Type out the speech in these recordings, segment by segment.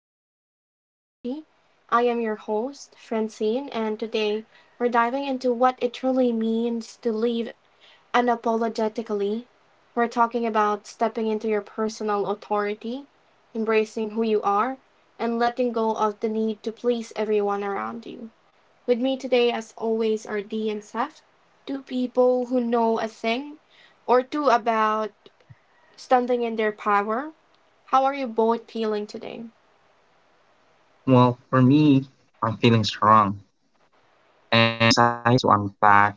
Leaving Your Authority. I am your host, Francine, and today we're diving into what it truly means to leave unapologetically. We're talking about stepping into your personal authority, embracing who you are, and letting go of the need to please everyone around you. With me today, as always, are D and Seth, two people who know a thing or two about standing in their power. How are you both feeling today? Well, for me, I'm feeling strong and excited to unpack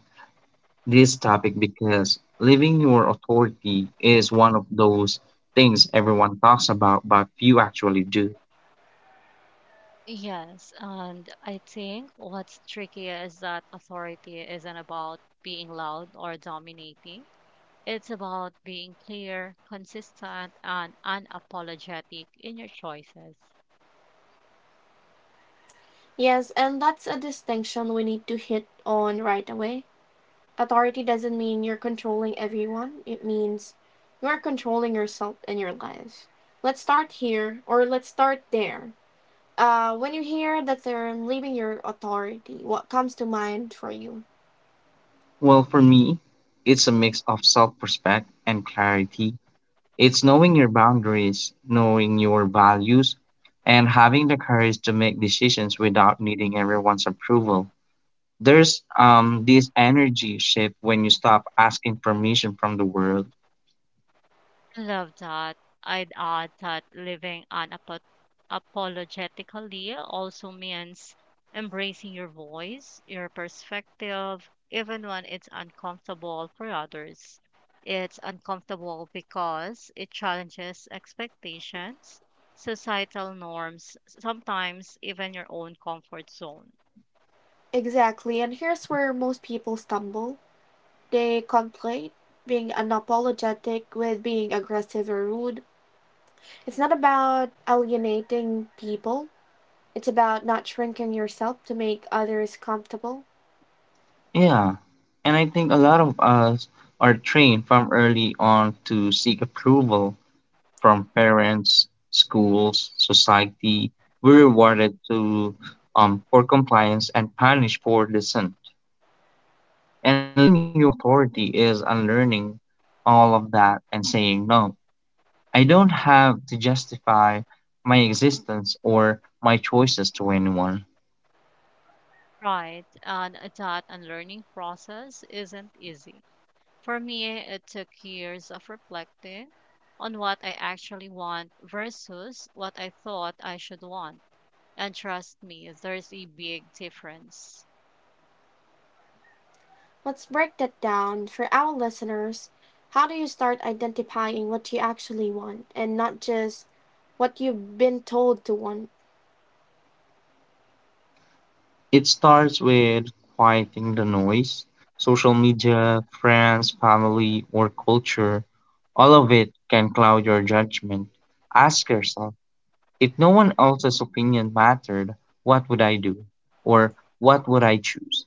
this topic because living your authority is one of those things everyone talks about, but few actually do. Yes, and I think what's tricky is that authority isn't about being loud or dominating. It's about being clear, consistent, and unapologetic in your choices. Yes, and that's a distinction we need to hit on right away. Authority doesn't mean you're controlling everyone, it means you're controlling yourself and your life. Let's start here, or let's start there. When you hear the term leaving your authority, what comes to mind for you? Well, for me, it's a mix of self respect and clarity. It's knowing your boundaries, knowing your values, and having the courage to make decisions without needing everyone's approval. There's this energy shift when you stop asking permission from the world. Love that. I'd add that living unapologetically also means embracing your voice, your perspective, even when it's uncomfortable for others. It's uncomfortable because it challenges expectations, societal norms, sometimes even your own comfort zone. Exactly, and here's where most people stumble. They conflate being unapologetic with being aggressive or rude. It's not about alienating people, it's about not shrinking yourself to make others comfortable. Yeah, and I think a lot of us are trained from early on to seek approval from parents, schools, society. We're rewarded to for compliance and punished for dissent. And leaving your authority is unlearning all of that and saying no. I don't have to justify my existence or my choices to anyone. Right. And that unlearning process isn't easy. For me, it took years of reflecting on what I actually want versus what I thought I should want. And trust me, there's a big difference. Let's break that down for our listeners. How do you start identifying what you actually want and not just what you've been told to want? It starts with quieting the noise. Social media, friends, family, or culture, all of it can cloud your judgment. Ask yourself, if no one else's opinion mattered, what would I do? Or what would I choose?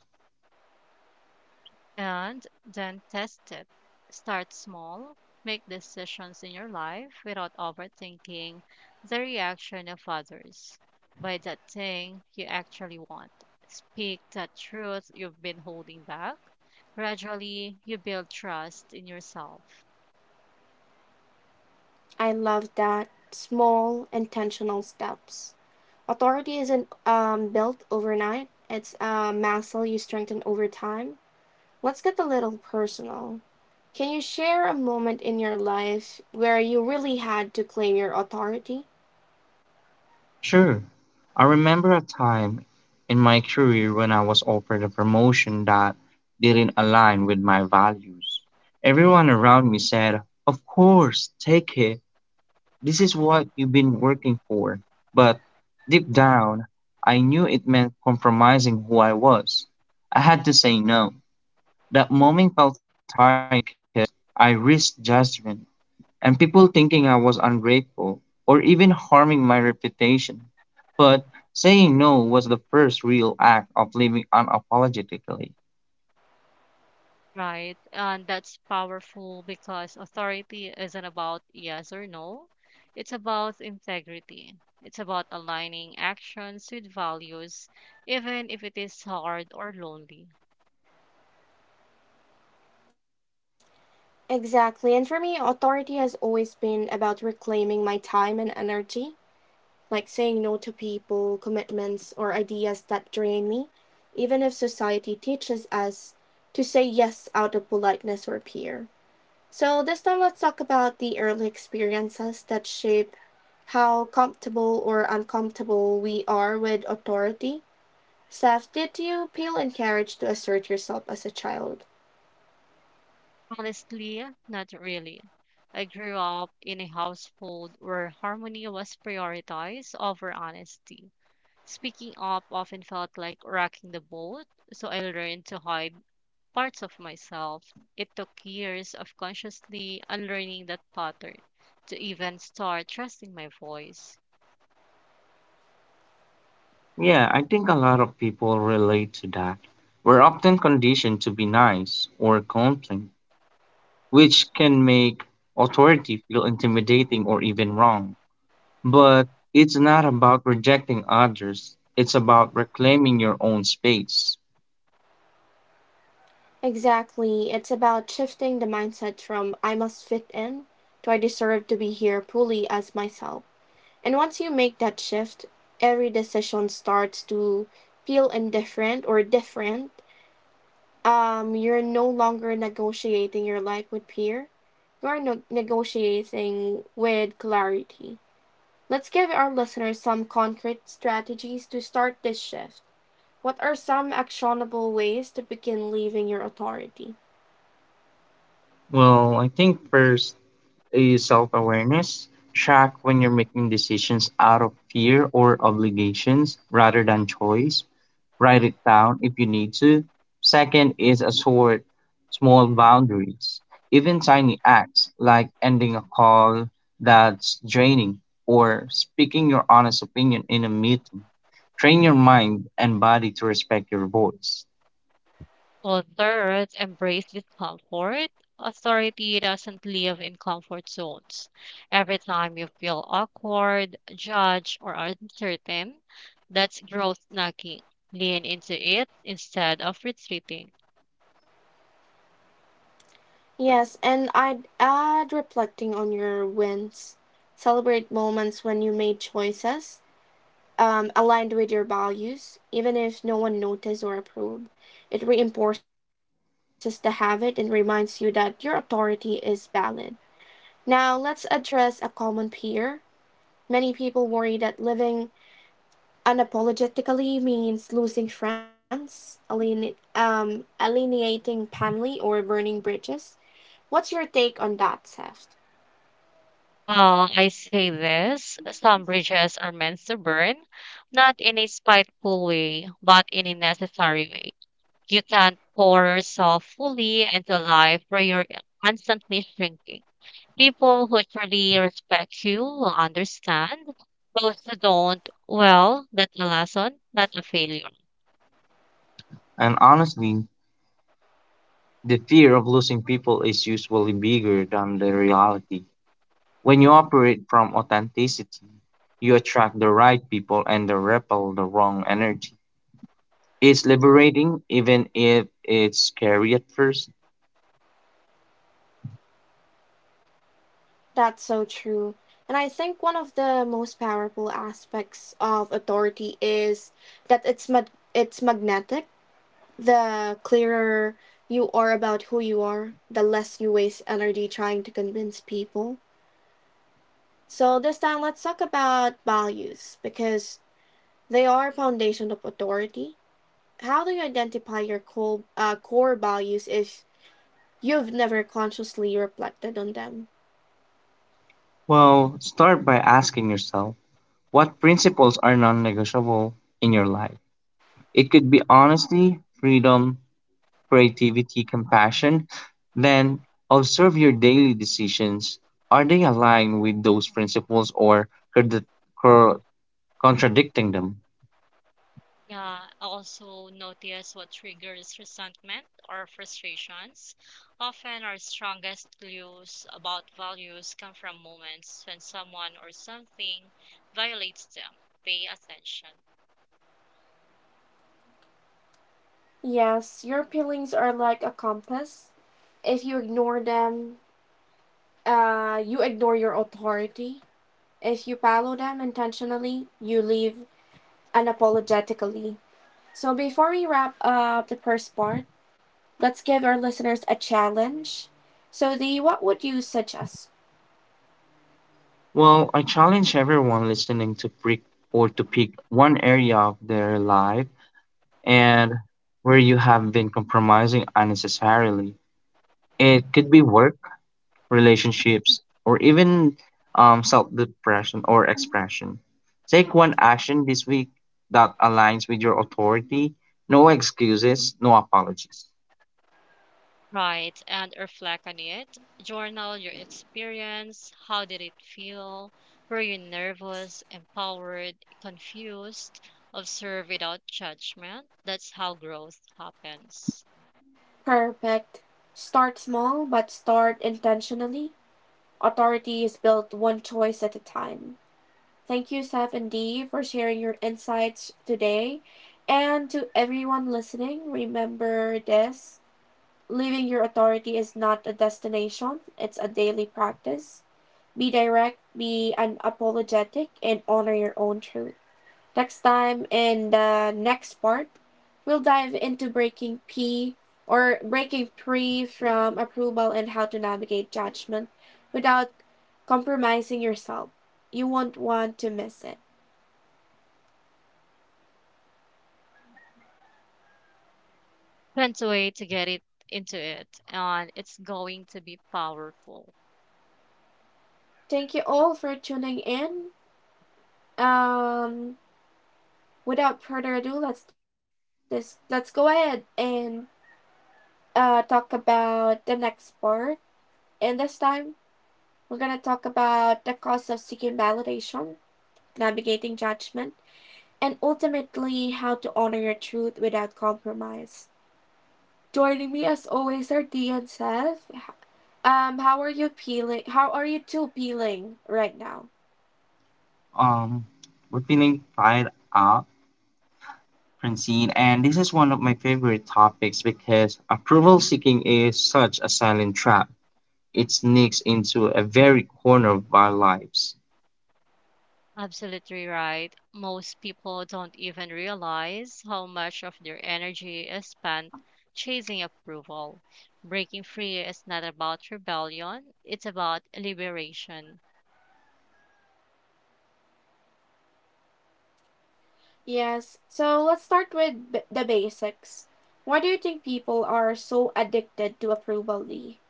And then test it. Start small, make decisions in your life without overthinking the reaction of others. Buy that thing you actually want. Speak that truth you've been holding back. Gradually, you build trust in yourself. I love that. Small, intentional steps. Authority isn't built overnight, it's a muscle you strengthen over time. Let's get a little personal. Can you share a moment in your life where you really had to claim your authority? Sure, I remember a time in my career when I was offered a promotion that didn't align with my values. Everyone around me said, "Of course, take it. This is what you've been working for." But deep down, I knew it meant compromising who I was. I had to say no. That moment felt terrifying because I risked judgment and people thinking I was ungrateful or even harming my reputation. But saying no was the first real act of living unapologetically. Right. And that's powerful because authority isn't about yes or no. It's about integrity. It's about aligning actions with values, even if it is hard or lonely. Exactly. And for me, authority has always been about reclaiming my time and energy, like saying no to people, commitments, or ideas that drain me, even if society teaches us to say yes out of politeness or fear. So, this time, let's talk about the early experiences that shape how comfortable or uncomfortable we are with authority. Seth, did you feel encouraged to assert yourself as a child? Honestly, not really. I grew up in a household where harmony was prioritized over honesty. Speaking up often felt like rocking the boat, so I learned to hide parts of myself. It took years of consciously unlearning that pattern to even start trusting my voice. Yeah, I think a lot of people relate to that. We're often conditioned to be nice or complain, which can make authority feel intimidating or even wrong. But it's not about rejecting others, it's about reclaiming your own space. Exactly. It's about shifting the mindset from I must fit in to I deserve to be here fully as myself. And once you make that shift, every decision starts to feel indifferent or different. You're no longer negotiating your life with peer, you're no- negotiating with clarity. Let's give our listeners some concrete strategies to start this shift. What are some actionable ways to begin leaving your authority? Well, I think first is self awareness. Track when you're making decisions out of fear or obligations rather than choice. Write it down if you need to. Second is assert small boundaries. Even tiny acts like ending a call that's draining or speaking your honest opinion in a meeting. Train your mind and body to respect your voice. Well, third, embrace discomfort. Authority doesn't live in comfort zones. Every time you feel awkward, judged, or uncertain, that's growth nagging. Lean into it instead of retreating. Yes, and I'd add reflecting on your wins. Celebrate moments when you made choices aligned with your values, even if no one noticed or approved. It reinforces the habit and reminds you that your authority is valid. Now, let's address a common fear. Many people worry that living unapologetically means losing friends, alienating family, or burning bridges. What's your take on that, Seth? Well, I say this: some bridges are meant to burn, not in a spiteful way, but in a necessary way. You can't pour yourself fully into life where you're constantly shrinking. People who truly respect you will understand. Those who don't, well, that's a lesson, not a failure. And honestly, the fear of losing people is usually bigger than the reality. When you operate from authenticity, you attract the right people and repel the wrong energy. It's liberating, even if it's scary at first. That's so true. And I think one of the most powerful aspects of authority is that it's magnetic. The clearer you are about who you are, the less you waste energy trying to convince people. So this time let's talk about values because they are foundation of authority. How do you identify your core values if you've never consciously reflected on them? Well, start by asking yourself, what principles are non negotiable in your life? It could be honesty, freedom, creativity, compassion. Then observe your daily decisions. Are they aligned with those principles, or cor- contradicting them? Yeah, also notice what triggers resentment or frustrations. Often, our strongest clues about values come from moments when someone or something violates them. Pay attention. Yes, your feelings are like a compass. If you ignore them, you ignore your authority. If you follow them intentionally, you live unapologetically. So, before we wrap up the first part, let's give our listeners a challenge. So, the what would you suggest? Well, I challenge everyone listening to pick one area of their life and where you have been compromising unnecessarily. It could be work, relationships, or even self depression or expression. Take one action this week that aligns with your authority. No excuses, no apologies. Right, and reflect on it. Journal your experience. How did it feel? Were you nervous, empowered, confused? Observe without judgment. That's how growth happens. Perfect. Start small, but start intentionally. Authority is built one choice at a time. Thank you, Seth and Dee, for sharing your insights today. And to everyone listening, remember this: living your authority is not a destination, it's a daily practice. Be direct, be unapologetic, and honor your own truth. Next time, in the next part, we'll dive into breaking P or breaking free from approval and how to navigate judgment without compromising yourself. You won't want to miss it. Find a way to get it into it, and it's going to be powerful. Thank you all for tuning in. Um, Without further ado, let's go ahead and talk about the next part. And this time, we're gonna talk about the cost of seeking validation, navigating judgment, and ultimately how to honor your truth without compromise. Joining me as always are Dee and Seth. How are you feeling? How are you two feeling right now? Um, we're feeling fired up, Francine, and this is one of my favorite topics because approval seeking is such a silent trap. It sneaks into a very corner of our lives. Absolutely right. Most people don't even realize how much of their energy is spent chasing approval. Breaking free is not about rebellion, it's about liberation. Yes. So let's start with the basics. Why do you think people are so addicted to approval, Lee?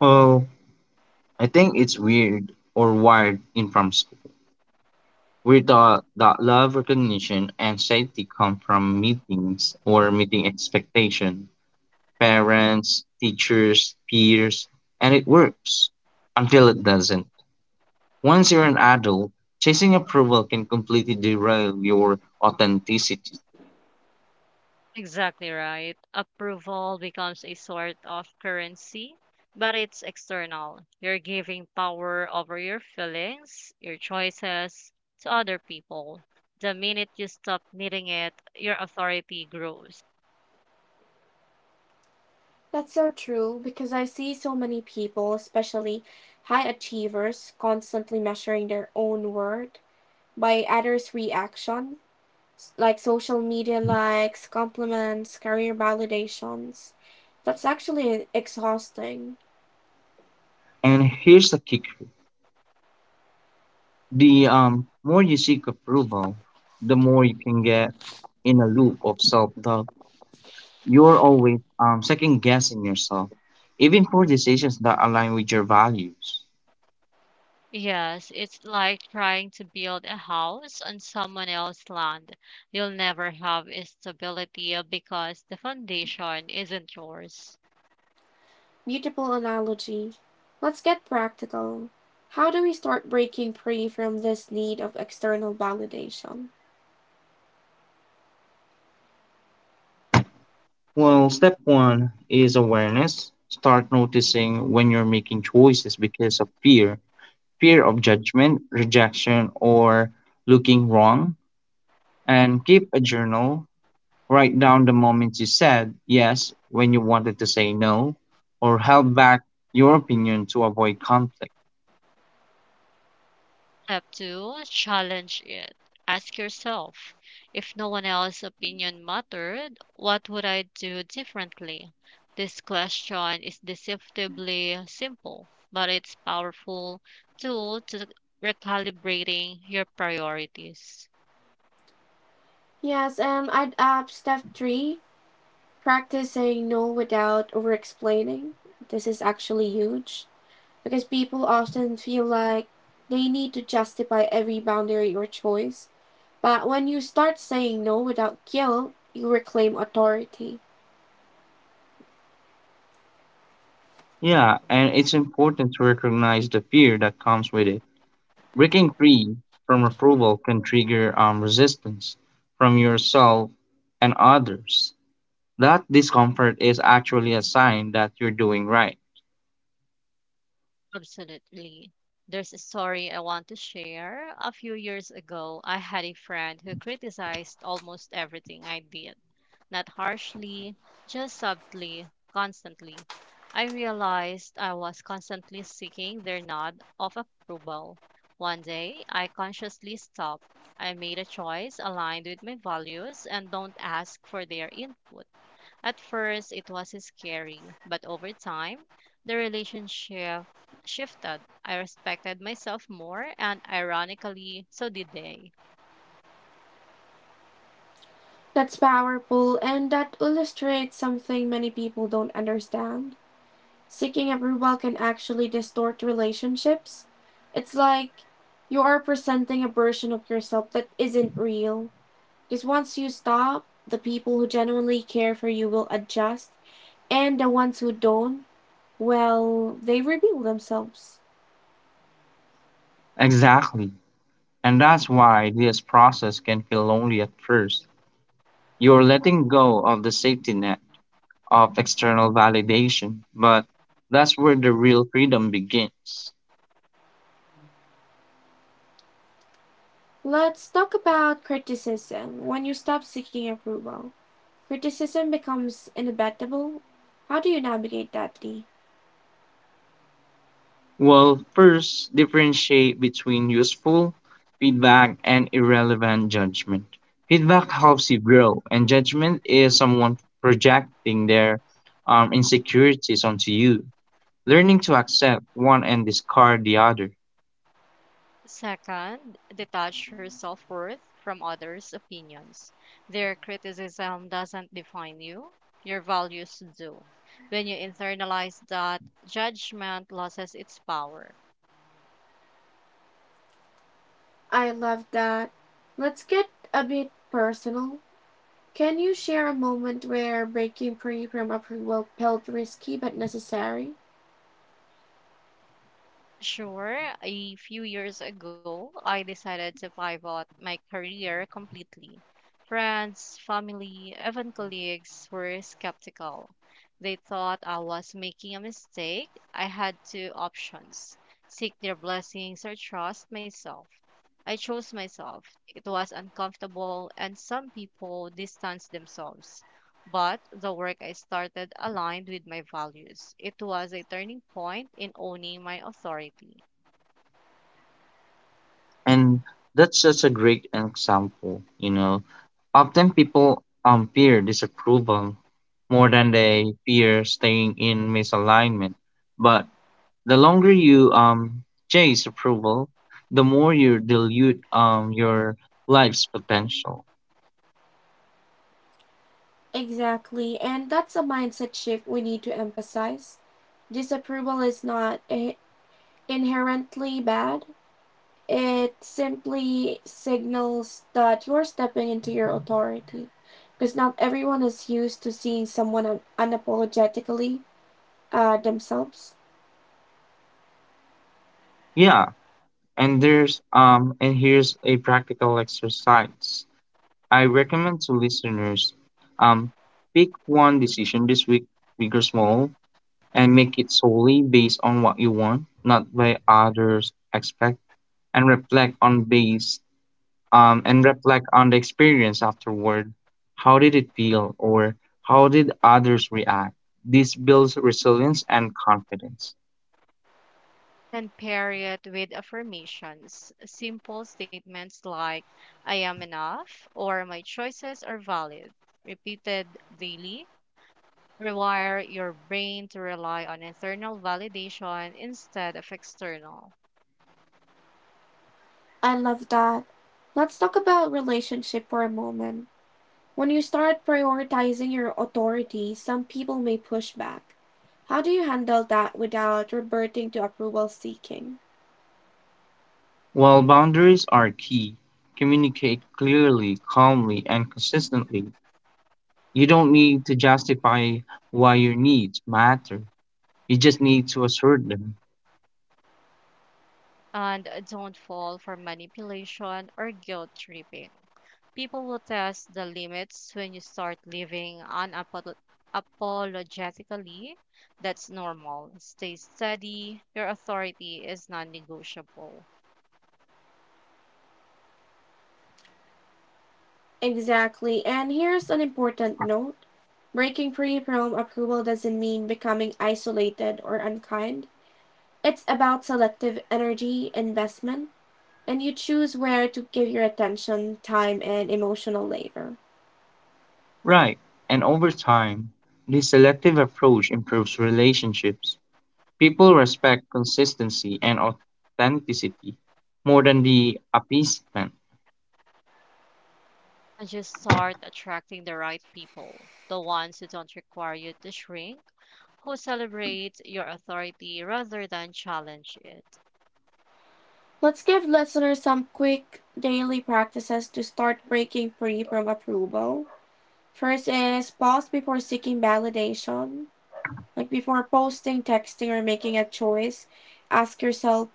Well, I think it's weird or wired in from school. We're taught that love, recognition, and safety come from meetings or meeting expectation, parents, teachers, peers, and it works until it doesn't. Once you're an adult, chasing approval can completely derail your authenticity. Exactly right. Approval becomes a sort of currency, but it's external. You're giving power over your feelings, your choices to other people. The minute you stop needing it, your authority grows. That's so true because I see so many people, especially high achievers, constantly measuring their own worth by others' reaction, like social media likes, compliments, career validations. That's actually exhausting. And here's the kicker: the more you seek approval, the more you can get in a loop of self doubt. You're always second guessing yourself, even for decisions that align with your values. Yes, it's like trying to build a house on someone else's land. You'll never have stability because the foundation isn't yours. Beautiful analogy. Let's get practical. How do we start breaking free from this need of external validation? Well, step one is awareness. Start noticing when you're making choices because of fear, fear of judgment, rejection, or looking wrong. And keep a journal. Write down the moments you said yes when you wanted to say no, or held back your opinion to avoid conflict. Step two, challenge it. Ask yourself, if no one else's opinion mattered, what would I do differently? This question is deceptively simple, but it's powerful tool to recalibrating your priorities. Yes, and I'd add step three, practice saying no without over explaining. This is actually huge because people often feel like they need to justify every boundary or choice. But when you start saying no without guilt, you reclaim authority. Yeah, and it's important to recognize the fear that comes with it. Breaking free from approval can trigger resistance from yourself and others. That discomfort is actually a sign that you're doing right. Absolutely. There's a story I want to share. A few years ago, I had a friend who criticized almost everything I did. Not harshly, just subtly, constantly. I realized I was constantly seeking their nod of approval. One day, I consciously stopped. I made a choice aligned with my values and don't ask for their input. At first, it was scary, but over time, the relationship shifted. I respected myself more, and ironically, so did they. That's powerful, and that illustrates something many people don't understand: seeking approval can actually distort relationships. It's like you are presenting a version of yourself that isn't real. Because once you stop, the people who genuinely care for you will adjust, and the ones who don't, well, they reveal themselves. Exactly. And that's why this process can feel lonely at first. You're letting go of the safety net of external validation, but that's where the real freedom begins. Let's talk about criticism. When you stop seeking approval, criticism becomes inevitable. How do you navigate that, Lee? Well, first, differentiate between useful feedback and irrelevant judgment. Feedback helps you grow, and judgment is someone projecting their insecurities onto you. Learning to accept one and discard the other. Second, detach your self worth from others' opinions. Their criticism doesn't define you, your values do. When you internalize that, judgment loses its power. I love that. Let's get a bit personal. Can you share a moment where breaking free from approval felt risky but necessary? Sure, a few years ago, I decided to pivot my career completely. Friends, family, even colleagues were skeptical. They thought I was making a mistake. I had two options: seek their blessings or trust myself. I chose myself. It was uncomfortable, and some people distanced themselves, but the work I started aligned with my values. It was a turning point in owning my authority. And that's such a great example, you know. Often people fear disapproval more than they fear staying in misalignment. But the longer you chase approval, the more you dilute your life's potential. Exactly, and that's a mindset shift we need to emphasize. Disapproval is not inherently bad. It simply signals that you're stepping into your authority. Because not everyone is used to seeing someone unapologetically themselves. Yeah, and here's a practical exercise I recommend to listeners: um, pick one decision this week, big or small, and make it solely based on what you want, not by others' expect, and reflect on base and reflect on the experience afterward. How did it feel, or how did others react? This builds resilience and confidence. And pair it with affirmations, simple statements like I am enough or my choices are valid, repeated daily. Rewire your brain to rely on internal validation instead of external. I love that. Let's talk about relationship for a moment. When you start prioritizing your authority, some people may push back. How do you handle that without reverting to approval seeking? While boundaries are key, communicate clearly, calmly, and consistently. You don't need to justify why your needs matter, you just need to assert them. And don't fall for manipulation or guilt tripping. People will test the limits when you start living unapologetically. That's normal. Stay steady. Your authority is non negotiable. Exactly. And here's an important note: breaking free from approval doesn't mean becoming isolated or unkind. It's about selective energy investment, and you choose where to give your attention, time, and emotional labor. Right, and over time, this selective approach improves relationships. People respect consistency and authenticity more than the appeasement. And just start attracting the right people, the ones who don't require you to shrink, who celebrate your authority rather than challenge it. Let's give listeners some quick daily practices to start breaking free from approval. First is pause before seeking validation. Like before posting, texting, or making a choice, ask yourself,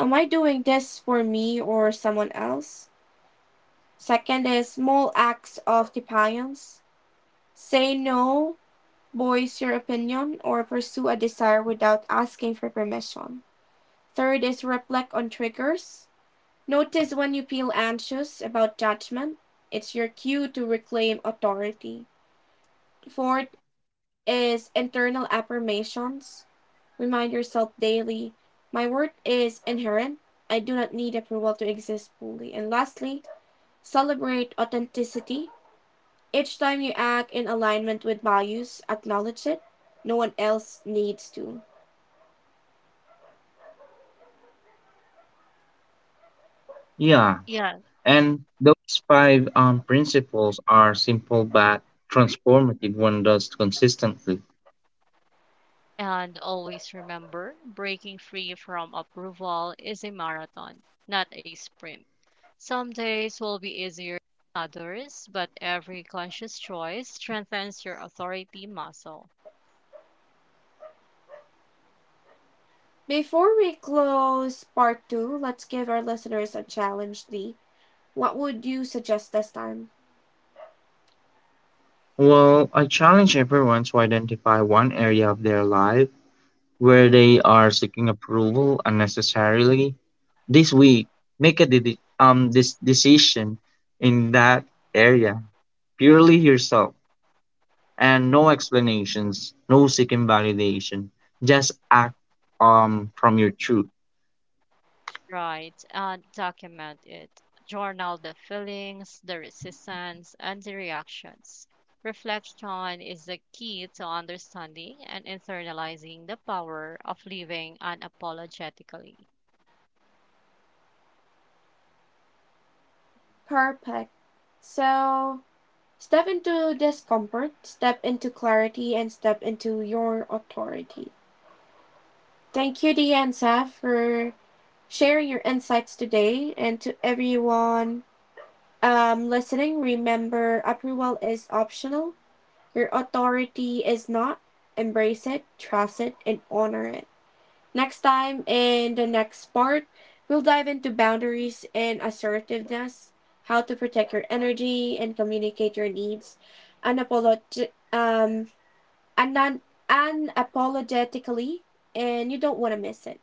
am I doing this for me or someone else? Second is small acts of defiance. Say no, voice your opinion, or pursue a desire without asking for permission. Third is reflect on triggers. Notice when you feel anxious about judgment. It's your cue to reclaim authority. Fourth is internal affirmations. Remind yourself daily, my worth is inherent. I do not need approval to exist fully. And lastly, celebrate authenticity. Each time you act in alignment with values, acknowledge it. No one else needs to. Yeah, Yes. and those five principles are simple but transformative when done consistently. And always remember, breaking free from approval is a marathon, not a sprint. Some days will be easier than others, but every conscious choice strengthens your authority muscle. Before we close part two, let's give our listeners a challenge, Dee. What would you suggest this time? Well, I challenge everyone to identify one area of their life where they are seeking approval unnecessarily. This week, make this decision in that area purely yourself and no explanations, no seeking validation, just act from your truth. Right, and document it. Journal the feelings, the resistance, and the reactions. Reflection is the key to understanding and internalizing the power of living unapologetically. Perfect. So, step into discomfort, step into clarity, and step into your authority. Thank you, Dia and Saf, for sharing your insights today. And to everyone listening, remember approval is optional, your authority is not. Embrace it, trust it, and honor it. Next time, in the next part, we'll dive into boundaries and assertiveness, how to protect your energy and communicate your needs unapologetic. Unan- Unapologetically, and you don't want to miss it.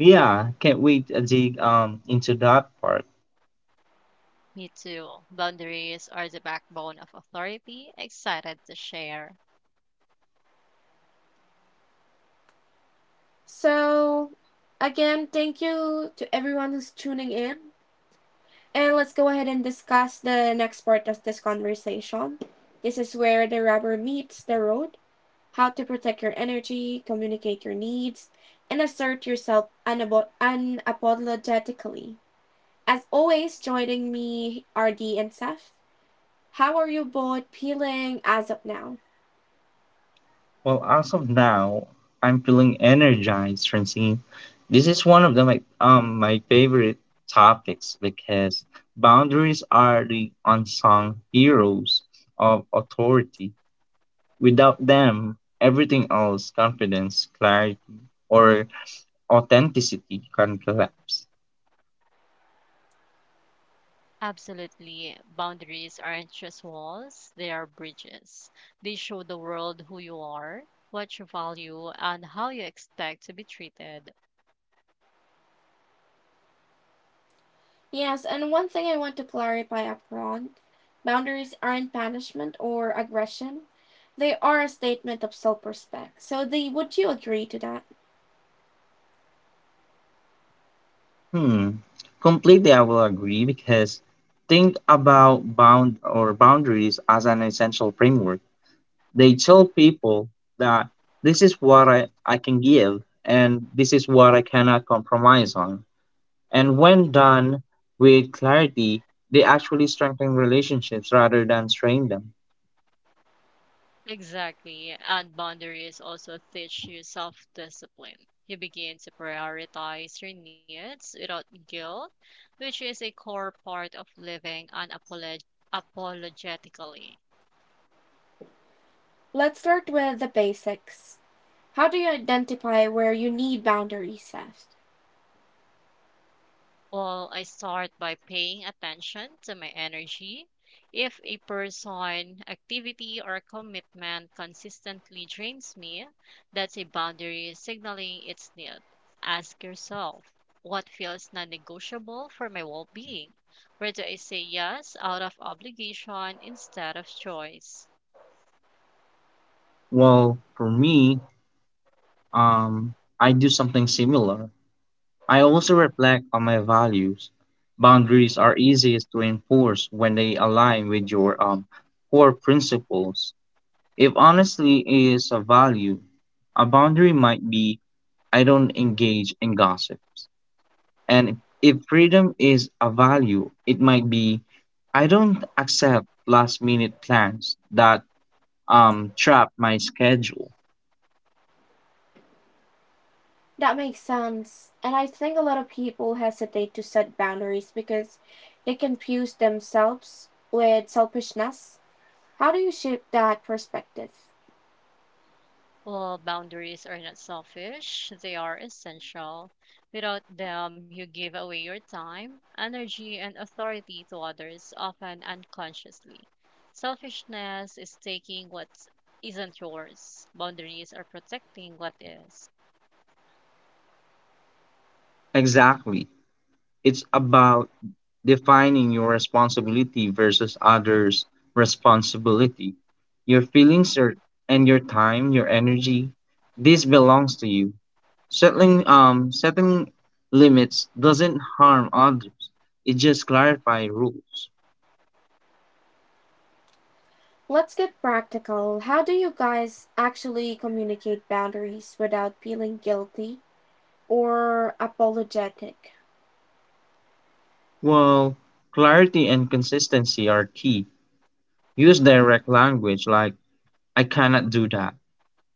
Yeah, can't wait to dig into that part. Me too. Boundaries are the backbone of authority. Excited to share. So, again, thank you to everyone who's tuning in. And let's go ahead and discuss the next part of this conversation. This is where the rubber meets the road: how to protect your energy, communicate your needs, and assert yourself unapologetically. As always, joining me are Dee and Seth. How are you both feeling as of now? Well, as of now, I'm feeling energized, Francine. This is one of the my my favorite topics because boundaries are the unsung heroes of authority. Without them, everything else, confidence, clarity, or authenticity can collapse. Absolutely. Boundaries aren't just walls, they are bridges. They show the world who you are, what you value, and how you expect to be treated. Yes, and one thing I want to clarify up front: boundaries aren't punishment or aggression. They are a statement of self respect. So, they, would you agree to that? Hmm. Completely, I will agree because think about boundaries as an essential framework. They tell people that this is what I can give and this is what I cannot compromise on. And when done with clarity, they actually strengthen relationships rather than strain them. Exactly. And boundaries also teach you self discipline. You begin to prioritize your needs without guilt, which is a core part of living unapologetically. Let's start with the basics. How do you identify where you need boundaries set? Well, I start by paying attention to my energy. If a person, activity, or commitment consistently drains me, that's a boundary signaling its need. Ask yourself, what feels non negotiable for my well being? Where do I say yes out of obligation instead of choice? Well, for me, um, I do something similar. I also reflect on my values. Boundaries are easiest to enforce when they align with your core principles. If honesty is a value, a boundary might be I don't engage in gossips. And if freedom is a value, it might be I don't accept last minute plans that trap my schedule. That makes sense. And I think a lot of people hesitate to set boundaries because they confuse themselves with selfishness. How do you shift that perspective? Well, boundaries are not selfish, they are essential. Without them, you give away your time, energy, and authority to others, often unconsciously. Selfishness is taking what isn't yours; boundaries are protecting what is. Exactly. It's about defining your responsibility versus others' responsibility. Your feelings, and your time, your energy, this belongs to you. Setting limits doesn't harm others, it just clarifies rules. Let's get practical. How do you guys actually communicate boundaries without feeling guilty or apologetic? Well, clarity and consistency are key. Use direct language like, I cannot do that,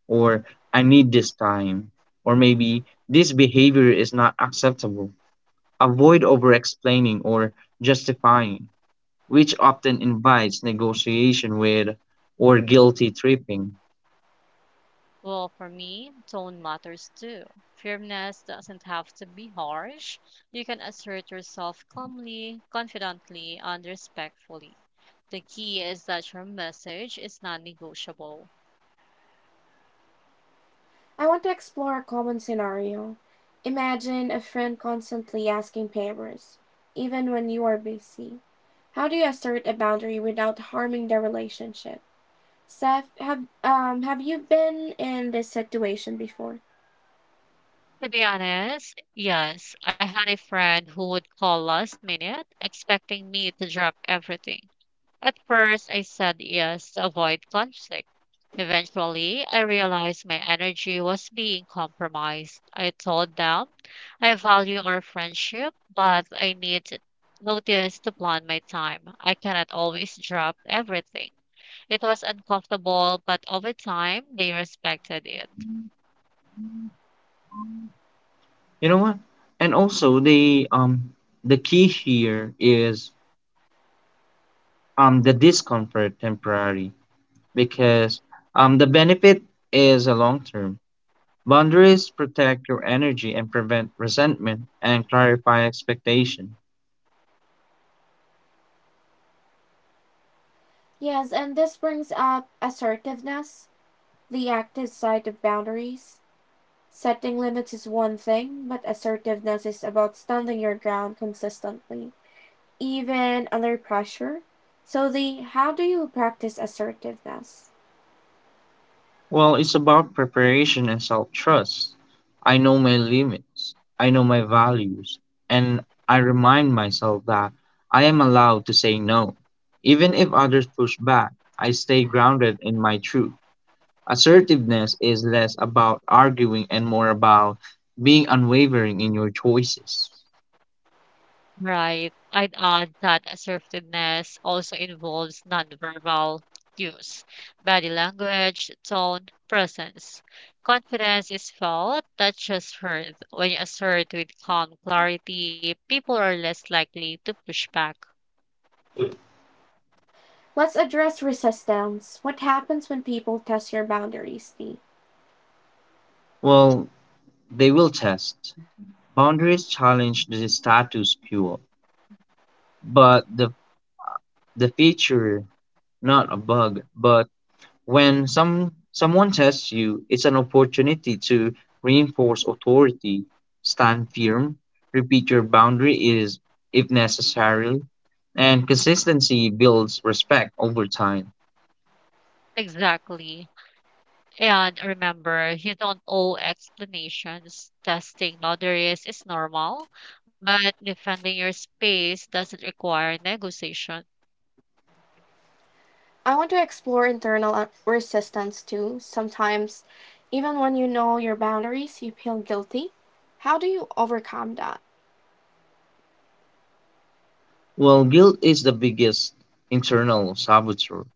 or I need this time, or maybe this behavior is not acceptable. Avoid over-explaining or justifying, which often invites negotiation with or guilty tripping. Well, for me, tone matters too. Firmness doesn't have to be harsh. You can assert yourself calmly, confidently, and respectfully. The key is that your message is non negotiable. I want to explore a common scenario. Imagine a friend constantly asking favors, even when you are busy. How do you assert a boundary without harming the relationship? Seth, have you been in this situation before? To be honest, yes, I had a friend who would call last minute expecting me to drop everything. At first, I said yes to avoid conflict. Eventually, I realized my energy was being compromised. I told them I value our friendship, but I need to notice to plan my time. I cannot always drop everything. It was uncomfortable, but over time, they respected it. You know what? And also the key here is the discomfort temporary because the benefit is a long term. Boundaries protect your energy and prevent resentment and clarify expectations. Yes, and this brings up assertiveness, the active side of boundaries. Setting limits is one thing, but assertiveness is about standing your ground consistently, even under pressure. So, the how do you practice assertiveness? Well, it's about preparation and self trust. I know my limits, I know my values, and I remind myself that I am allowed to say no. Even if others push back, I stay grounded in my truth. Assertiveness is less about arguing and more about being unwavering in your choices. Right. I'd add that assertiveness also involves nonverbal cues, body language, tone, presence. Confidence is felt, not just heard. When you assert with calm clarity, people are less likely to push back. Let's address resistance. What happens when people test your boundaries, Dee? Well, they will test. Boundaries challenge the status quo, but the feature, not a bug, but when someone tests you, it's an opportunity to reinforce authority, stand firm, repeat your boundary is if necessary, and consistency builds respect over time. Exactly. And remember, you don't owe explanations. Testing boundaries is normal, but defending your space doesn't require negotiation. I want to explore internal resistance too. Sometimes, even when you know your boundaries, you feel guilty. How do you overcome that? Well, guilt is the biggest internal saboteur.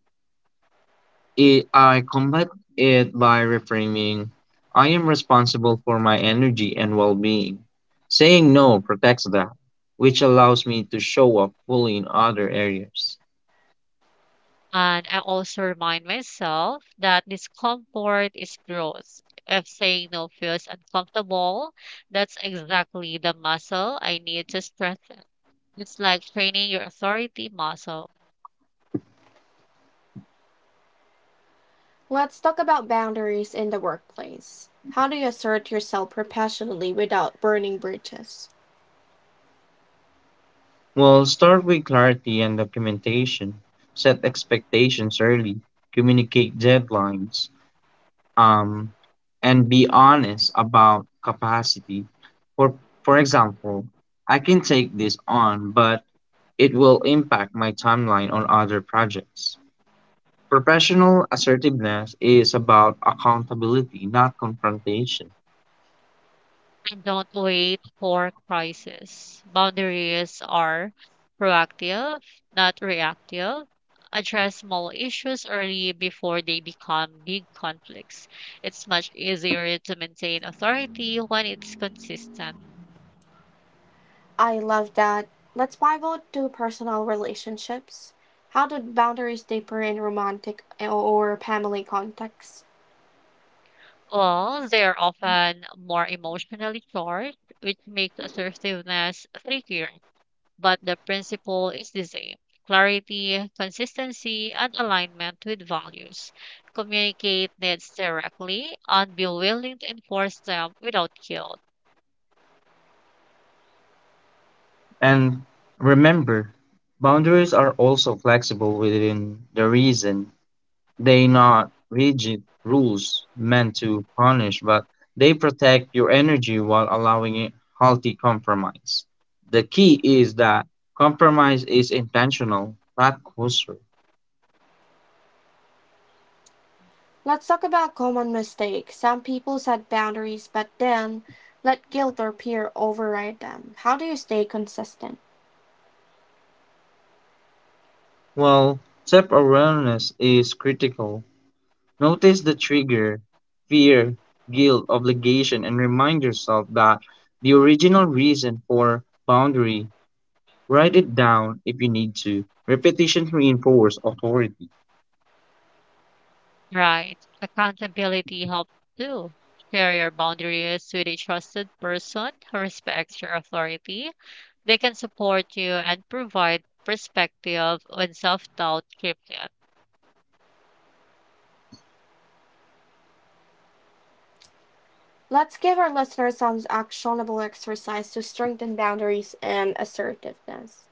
I combat it by reframing I am responsible for my energy and well being. Saying no protects that, which allows me to show up fully in other areas. And I also remind myself that discomfort is growth. If saying no feels uncomfortable, that's exactly the muscle I need to strengthen. It's like training your authority muscle. Let's talk about boundaries in the workplace. How do you assert yourself professionally without burning bridges? Well, start with clarity and documentation. Set expectations early. Communicate deadlines. Um, and be honest about capacity. For for example, I can take this on, but it will impact my timeline on other projects. Professional assertiveness is about accountability, not confrontation. And don't wait for crisis. Boundaries are proactive, not reactive. Address small issues early before they become big conflicts. It's much easier to maintain authority when it's consistent. I love that. Let's pivot to personal relationships. How do boundaries differ in romantic or family contexts? Well, they're often more emotionally charged, which makes assertiveness trickier. But the principle is the same: clarity, consistency, and alignment with values. Communicate needs directly and be willing to enforce them without guilt. And remember, boundaries are also flexible within the reason. They not rigid rules meant to punish, but they protect your energy while allowing a healthy compromise. The key is that compromise is intentional, not closer. Let's talk about common mistakes. Some people set boundaries but then let guilt or peer override them. How do you stay consistent? Well, self-awareness is critical. Notice the trigger, fear, guilt, obligation, and remind yourself that the original reason for boundary. Write it down if you need to. Repetition reinforces authority. Right. Accountability helps too. Share your boundaries with a trusted person who respects your authority. They can support you and provide perspective when self doubt creeps in. Let's give our listeners some actionable exercise to strengthen boundaries and assertiveness.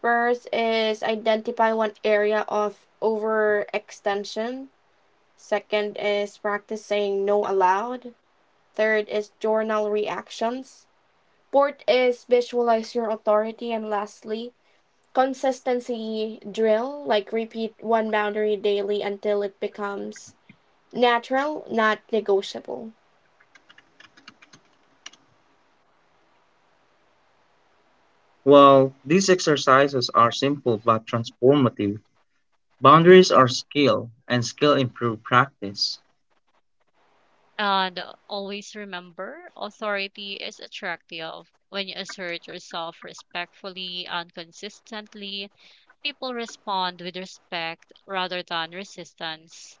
First is identify one area of overextension. Second is practice saying no aloud. Third is journal reactions. Fourth is visualize your authority. And lastly, consistency drill, like repeat one boundary daily until it becomes natural, not negotiable. While these exercises are simple but transformative, boundaries are skill and skill improve practice. And always remember, authority is attractive. When you assert yourself respectfully and consistently, people respond with respect rather than resistance.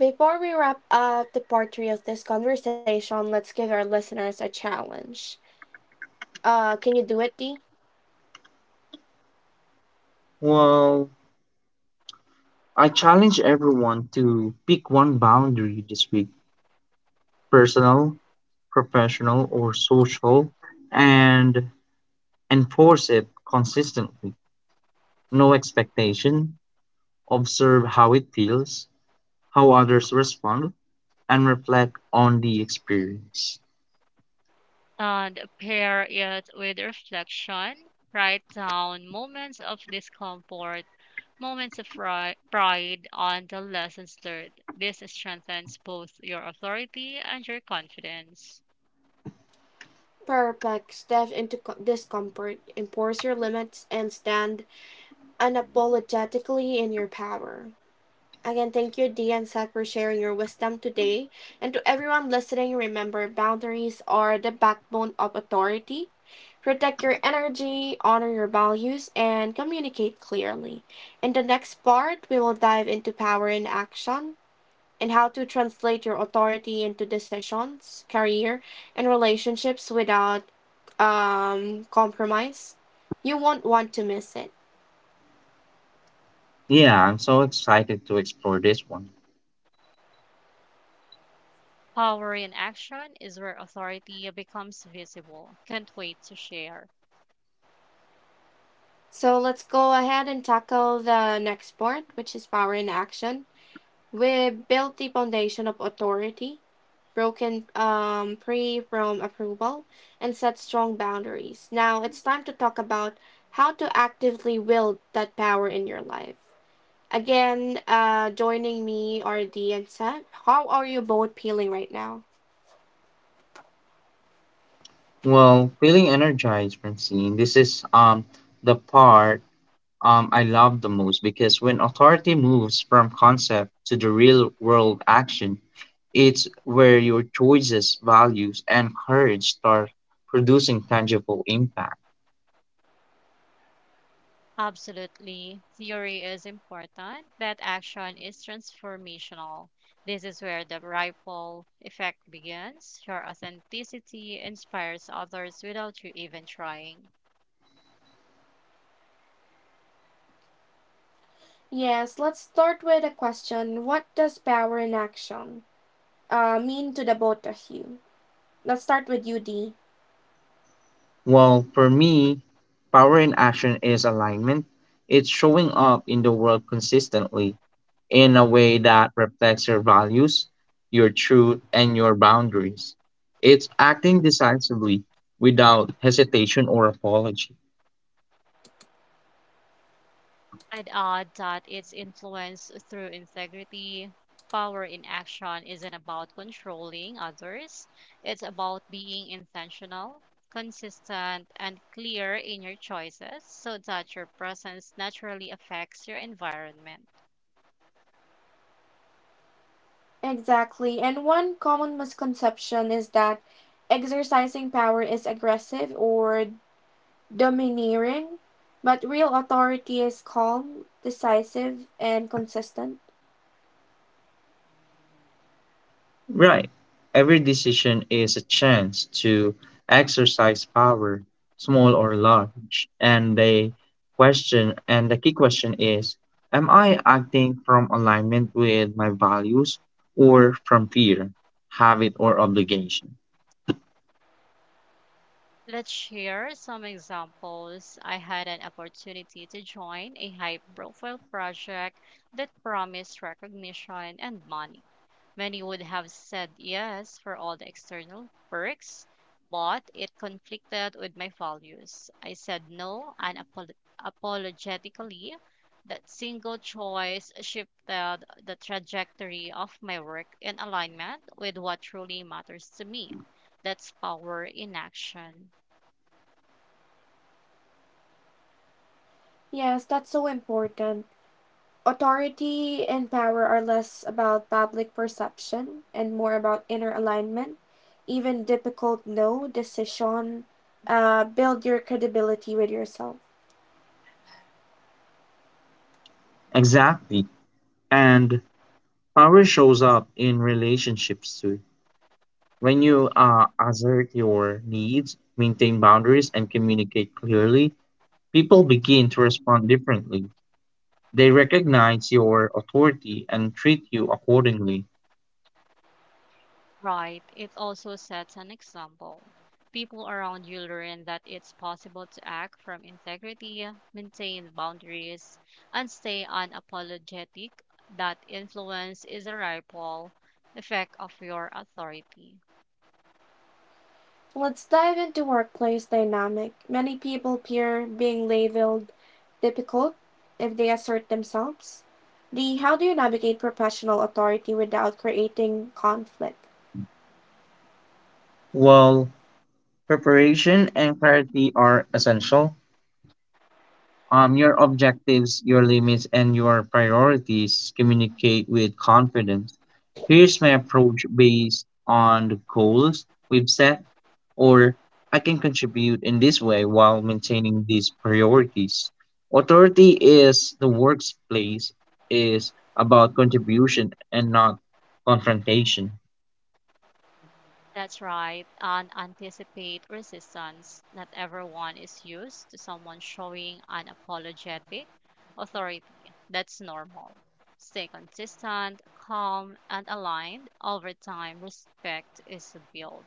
Before we wrap up the part three of this conversation, let's give our listeners a challenge. Can you do it, Dee? Well, I challenge everyone to pick one boundary this week, personal, professional, or social, and enforce it consistently. No expectation, observe how it feels, how others respond, and reflect on the experience. And pair it with reflection. Write down moments of discomfort, moments of pride, and the lessons learned. This strengthens both your authority and your confidence. Perplex Steph into discomfort, enforce your limits, and stand unapologetically in your power. Again, thank you, Dee and Seth, for sharing your wisdom today. And to everyone listening, remember boundaries are the backbone of authority. Protect your energy, honor your values, and communicate clearly. In the next part, we will dive into power in action and how to translate your authority into decisions, career, and relationships without compromise, you won't want to miss it. Yeah, I'm so excited to explore this one. Power in action is where authority becomes visible. Can't wait to share. So let's go ahead and tackle the next part, which is power in action. We built the foundation of authority, broken free from approval, and set strong boundaries. Now it's time to talk about how to actively wield that power in your life. Again, joining me are Dee and Seth. How are you both feeling right now? Well, feeling energized, Francine, this is the part I love the most because when authority moves from concept to the real world action, it's where your choices, values, and courage start producing tangible impact. Absolutely. Theory is important, but action is transformational. This is where the ripple effect begins. Your authenticity inspires others without you even trying. Yes, let's start with a question. What does power in action mean to the both of you? Let's start with you, Dee. Well, for me, power in action is alignment. It's showing up in the world consistently in a way that reflects your values, your truth, and your boundaries. It's acting decisively without hesitation or apology. I'd add that it's influence through integrity. Power in action isn't about controlling others, it's about being intentional, consistent, and clear in your choices so that your presence naturally affects your environment. Exactly. And one common misconception is that exercising power is aggressive or domineering, but real authority is calm, decisive, and consistent. Right. Every decision is a chance to exercise power, small or large. And the question and the key question is, am I acting from alignment with my values or from fear, habit, or obligation? Let's share some examples. I had an opportunity to join a high profile project that promised recognition and money. Many would have said yes for all the external perks, but it conflicted with my values. I said no apologetically. That single choice shifted the trajectory of my work in alignment with what truly matters to me. That's power in action. Yes, that's so important. Authority and power are less about public perception and more about inner alignment. Even difficult no decision build your credibility with yourself. Exactly. And power shows up in relationships too. When you assert your needs, maintain boundaries, and communicate clearly, people begin to respond differently. They recognize your authority and treat you accordingly. Right. It also sets an example. People around you learn that it's possible to act from integrity, maintain boundaries, and stay unapologetic. That influence is a ripple effect of your authority. Let's dive into workplace dynamic. Many people fear being labeled difficult if they assert themselves. The how do you navigate professional authority without creating conflict? While preparation and clarity are essential, your objectives, your limits, and your priorities communicate with confidence. Here's my approach based on the goals we've set, or I can contribute in this way while maintaining these priorities. Authority is the workplace is about contribution and not confrontation. That's right, and anticipate resistance. Not everyone is used to someone showing unapologetic authority. That's normal. Stay consistent, calm, and aligned. Over time, respect is built.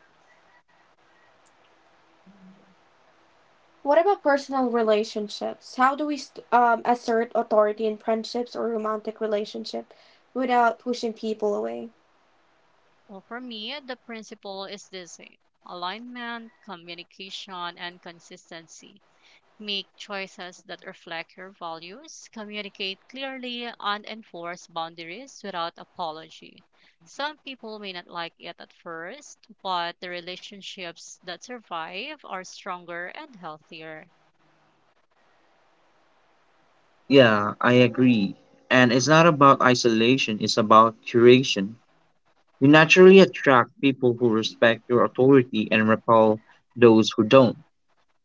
What about personal relationships? How do we assert authority in friendships or romantic relationship without pushing people away? Well, for me, the principle is the same: alignment, communication, and consistency. Make choices that reflect your values. Communicate clearly and enforce boundaries without apology. Some people may not like it at first, but the relationships that survive are stronger and healthier. Yeah, I agree. And it's not about isolation, it's about curation. You naturally attract people who respect your authority and repel those who don't.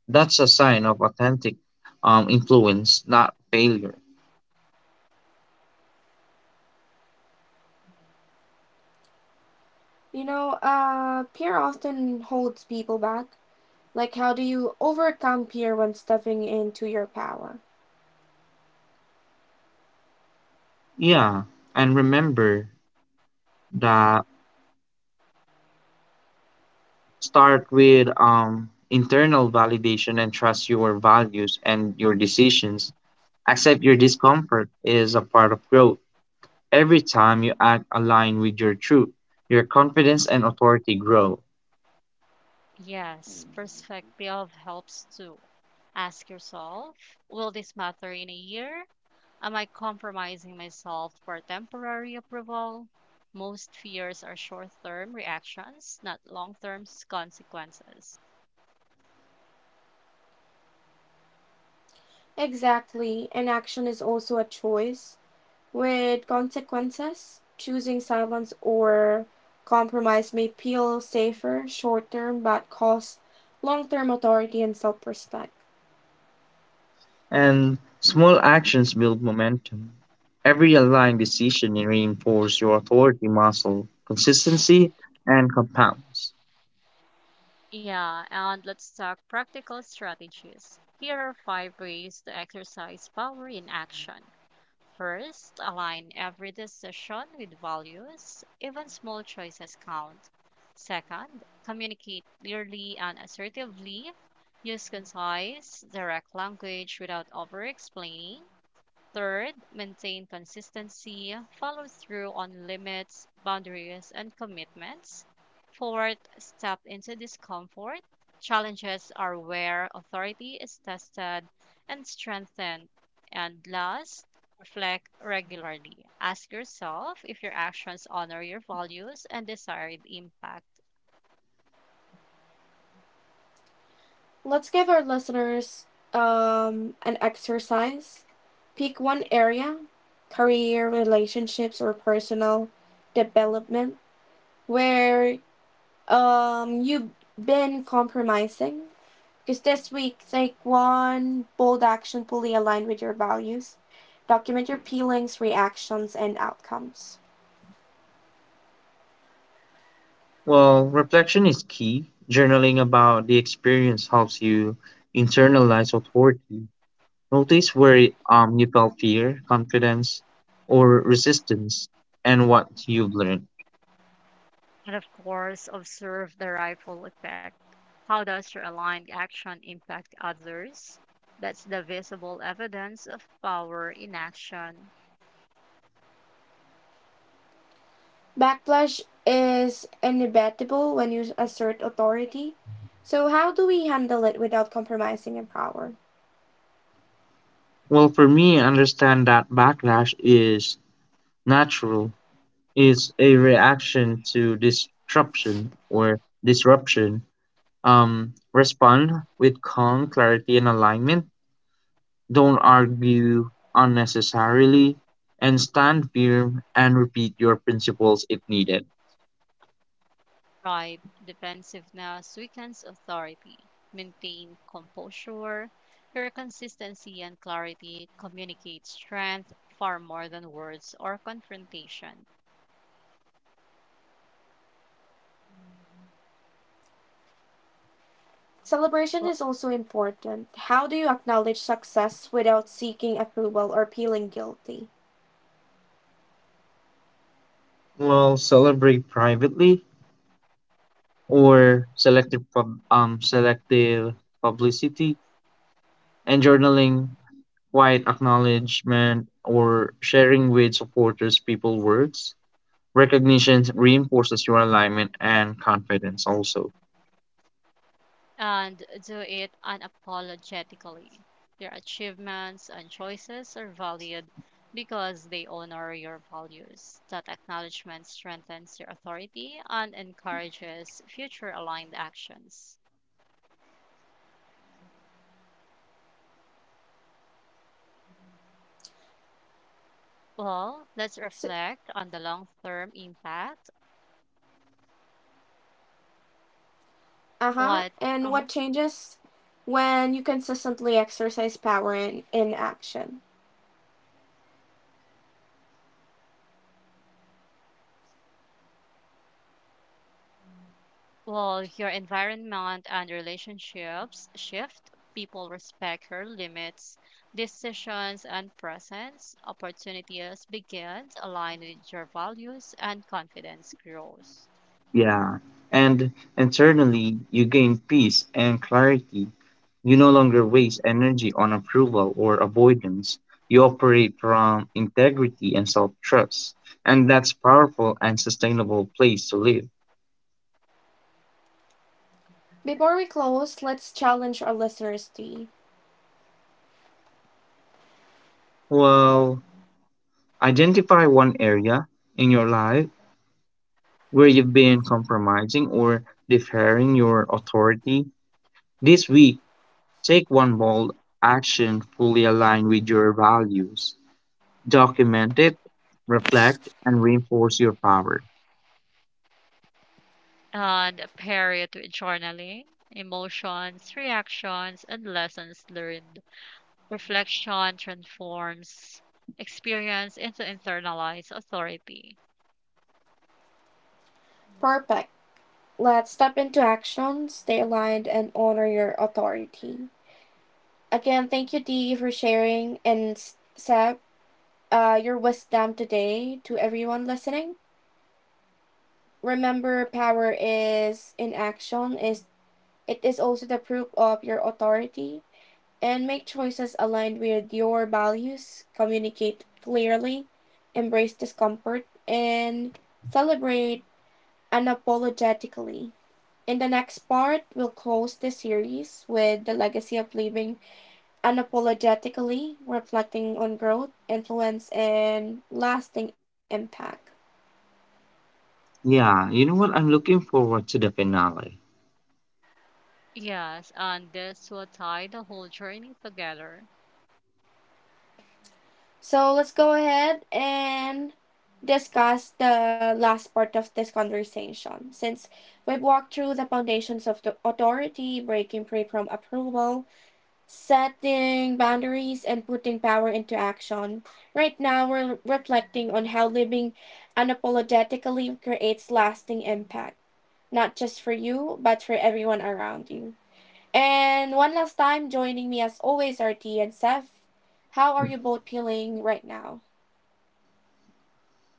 That's a sign of authentic influence, not failure. You know, peer often holds people back. Like, how do you overcome peer when stepping into your power? Yeah, and remember that, start with internal validation and trust your values and your decisions. Accept your discomfort is a part of growth. Every time you act aligned with your truth, your confidence and authority grow. Yes, perspective helps too. Ask yourself, will this matter in a year? Am I compromising myself for temporary approval? Most fears are short term reactions, not long term consequences. Exactly. An action is also a choice with consequences. Choosing silence or compromise may feel safer short term but costs long term authority and self respect. And small actions build momentum. Every aligned decision reinforces your authority muscle, consistency, and compounds. Yeah, and let's talk practical strategies. Here are five ways to exercise power in action. First, align every decision with values, even small choices count. Second, communicate clearly and assertively. Use concise, direct language without over explaining. Third, maintain consistency, follow through on limits, boundaries, and commitments. Fourth, step into discomfort. Challenges are where authority is tested and strengthened. And last, reflect regularly. Ask yourself if your actions honor your values and desired impact. Let's give our listeners an exercise. Pick one area, career, relationships, or personal development where you've been compromising. Because this week, take one bold action fully aligned with your values. Document your feelings, reactions, and outcomes. Well, reflection is key. Journaling about the experience helps you internalize authority. Notice where you felt fear, confidence, or resistance, and what you've learned. And of course, observe the ripple effect. How does your aligned action impact others? That's the visible evidence of power in action. Backlash is inevitable when you assert authority. So, how do we handle it without compromising in power? Well, for me, understand that backlash is natural. It's a reaction to disruption or disruption. Respond with calm, clarity, and alignment. Don't argue unnecessarily, and stand firm and repeat your principles if needed. Right, defensiveness weakens authority. Maintain composure. Your consistency and clarity communicate strength far more than words or confrontation. Celebration is Well, also important. How do you acknowledge success without seeking approval or feeling guilty? Well, celebrate privately or selective publicity and journaling, quiet acknowledgement or sharing with supporters people works, recognition reinforces your alignment and confidence also. and do it unapologetically. Their achievements and choices are valued because they honor your values. That acknowledgement strengthens your authority and encourages future aligned actions. Well, let's reflect on the long term impact. Uh huh. What And uh, what changes when you consistently exercise power in action? well, your environment and relationships shift. People respect her limits, decisions, and presence. Opportunities begin to align with your values, and confidence grows. Yeah, and internally you gain peace and clarity. You no longer waste energy on approval or avoidance. You operate from integrity and self-trust, and that's powerful and sustainable place to live. Before we close, let's challenge our listeners to be Well, identify one area in your life where you've been compromising or deferring your authority. This week, take one bold action fully aligned with your values. Document it, reflect, and reinforce your power. And pair it with journaling, emotions, reactions, and lessons learned. Reflection transforms experience into internalized authority. perfect. Let's step into action, stay aligned, and honor your authority. Again, thank you, Dee, for sharing and Seb, your wisdom today to everyone listening. Remember, power is in action is it is also the proof of your authority and make choices aligned with your values, communicate clearly, embrace discomfort and celebrate unapologetically. In the next part, we'll close this series with the legacy of living unapologetically, reflecting on growth, influence, and lasting impact. Yeah, you know what? I'm looking forward to the finale. Yes, and this will tie the whole journey together. So let's go ahead and discuss the last part of this conversation. Since we've walked through the foundations of the authority, breaking free from approval, setting boundaries, and putting power into action, right now we're reflecting on how living unapologetically creates lasting impact, not just for you, but for everyone around you. And one last time, joining me as always are T and Seth. How are you both feeling right now?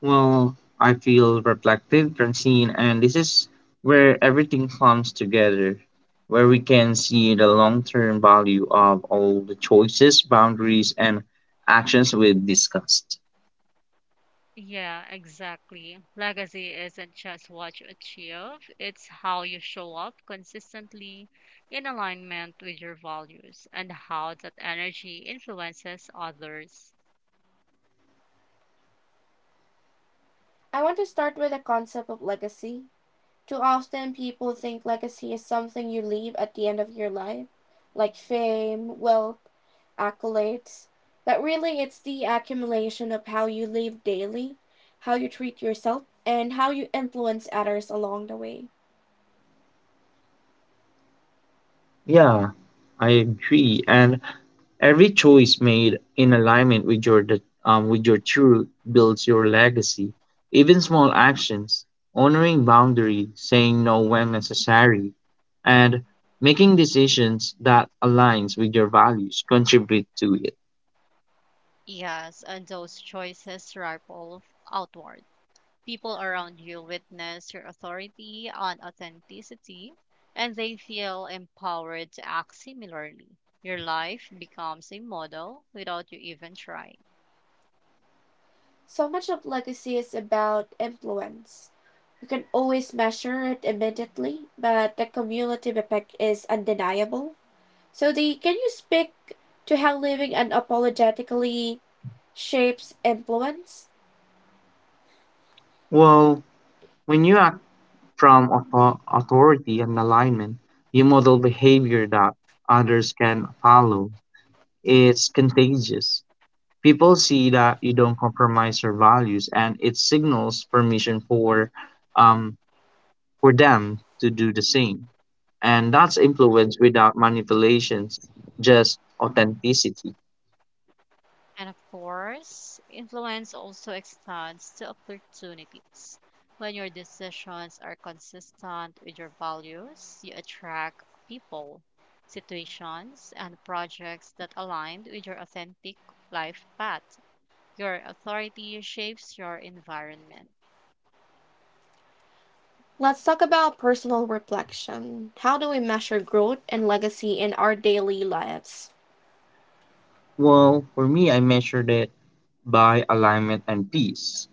Well, I feel reflective, Francine, and this is where everything comes together, where we can see the long term value of all the choices, boundaries, and actions we have discussed. Yeah, exactly. Legacy isn't just what you achieve, it's how you show up consistently in alignment with your values and how that energy influences others. I want to start with the concept of legacy. Too often people think legacy is something you leave at the end of your life, like fame, wealth, accolades, but really it's the accumulation of how you live daily, how you treat yourself, and how you influence others along the way. Yeah, I agree. And every choice made in alignment with your truth builds your legacy. Even small actions, honoring boundaries, saying no when necessary, and making decisions that aligns with your values contribute to it. Yes, and those choices ripple outward. People around you witness your authority and authenticity, and they feel empowered to act similarly. Your life becomes a model without you even trying. So much of legacy is about influence. You can always measure it immediately, but the cumulative effect is undeniable. So Sodhi, can you speak to how living unapologetically shapes influence? Well, when you act from authority and alignment, you model behavior that others can follow. It's contagious. People see that you don't compromise your values, and it signals permission um, for them to do the same. And that's influence without manipulations, just authenticity. And of course, influence also extends to opportunities. When your decisions are consistent with your values, you attract people, situations, and projects that align with your authentic life path. Your authority shapes your environment. Let's talk about personal reflection. How do we measure growth and legacy in our daily lives? Well, for me, I measured it by alignment and peace.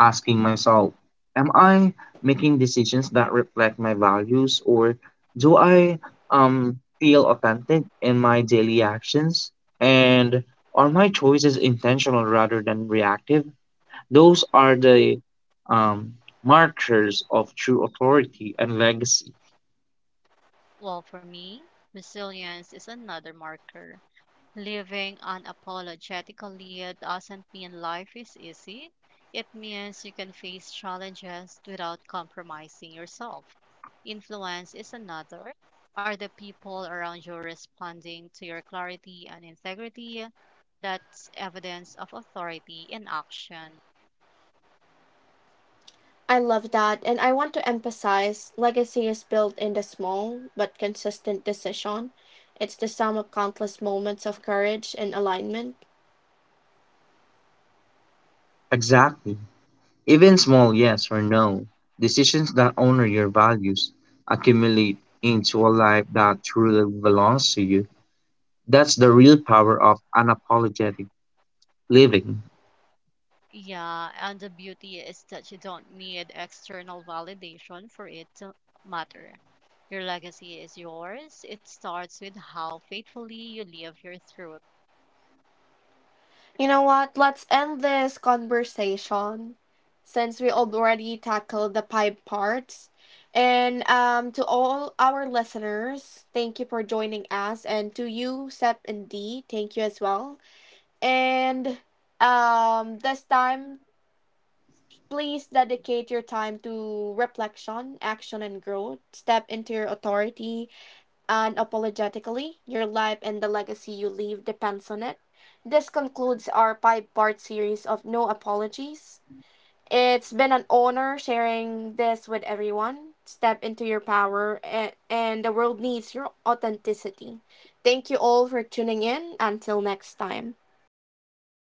Asking myself, am I making decisions that reflect my values, or do I feel authentic in my daily actions? And are my choices intentional rather than reactive? Those are the um, markers of true authority and legacy. Well, for me, resilience is another marker. Living unapologetically doesn't mean life is easy. It means you can face challenges without compromising yourself. Influence is another. Are the people around you responding to your clarity and integrity? That's evidence of authority in action. I love that, and I want to emphasize legacy is built in the small but consistent decision. It's the sum of countless moments of courage and alignment. Exactly. Even small yes or no, decisions that honor your values accumulate into a life that truly belongs to you. That's the real power of unapologetic living. Yeah, and the beauty is that you don't need external validation for it to matter. Your legacy is yours. It starts with how faithfully you live your truth. You know what? Let's end this conversation since we already tackled the pipe parts. And to all our listeners, thank you for joining us. And to you, Sep and D, thank you as well. And this time, please dedicate your time to reflection, action, and growth. Step into your authority unapologetically, your life and the legacy you leave depends on it. This concludes our five-part series of No Apologies. It's been an honor sharing this with everyone. Step into your power, and the world needs your authenticity. Thank you all for tuning in. Until next time.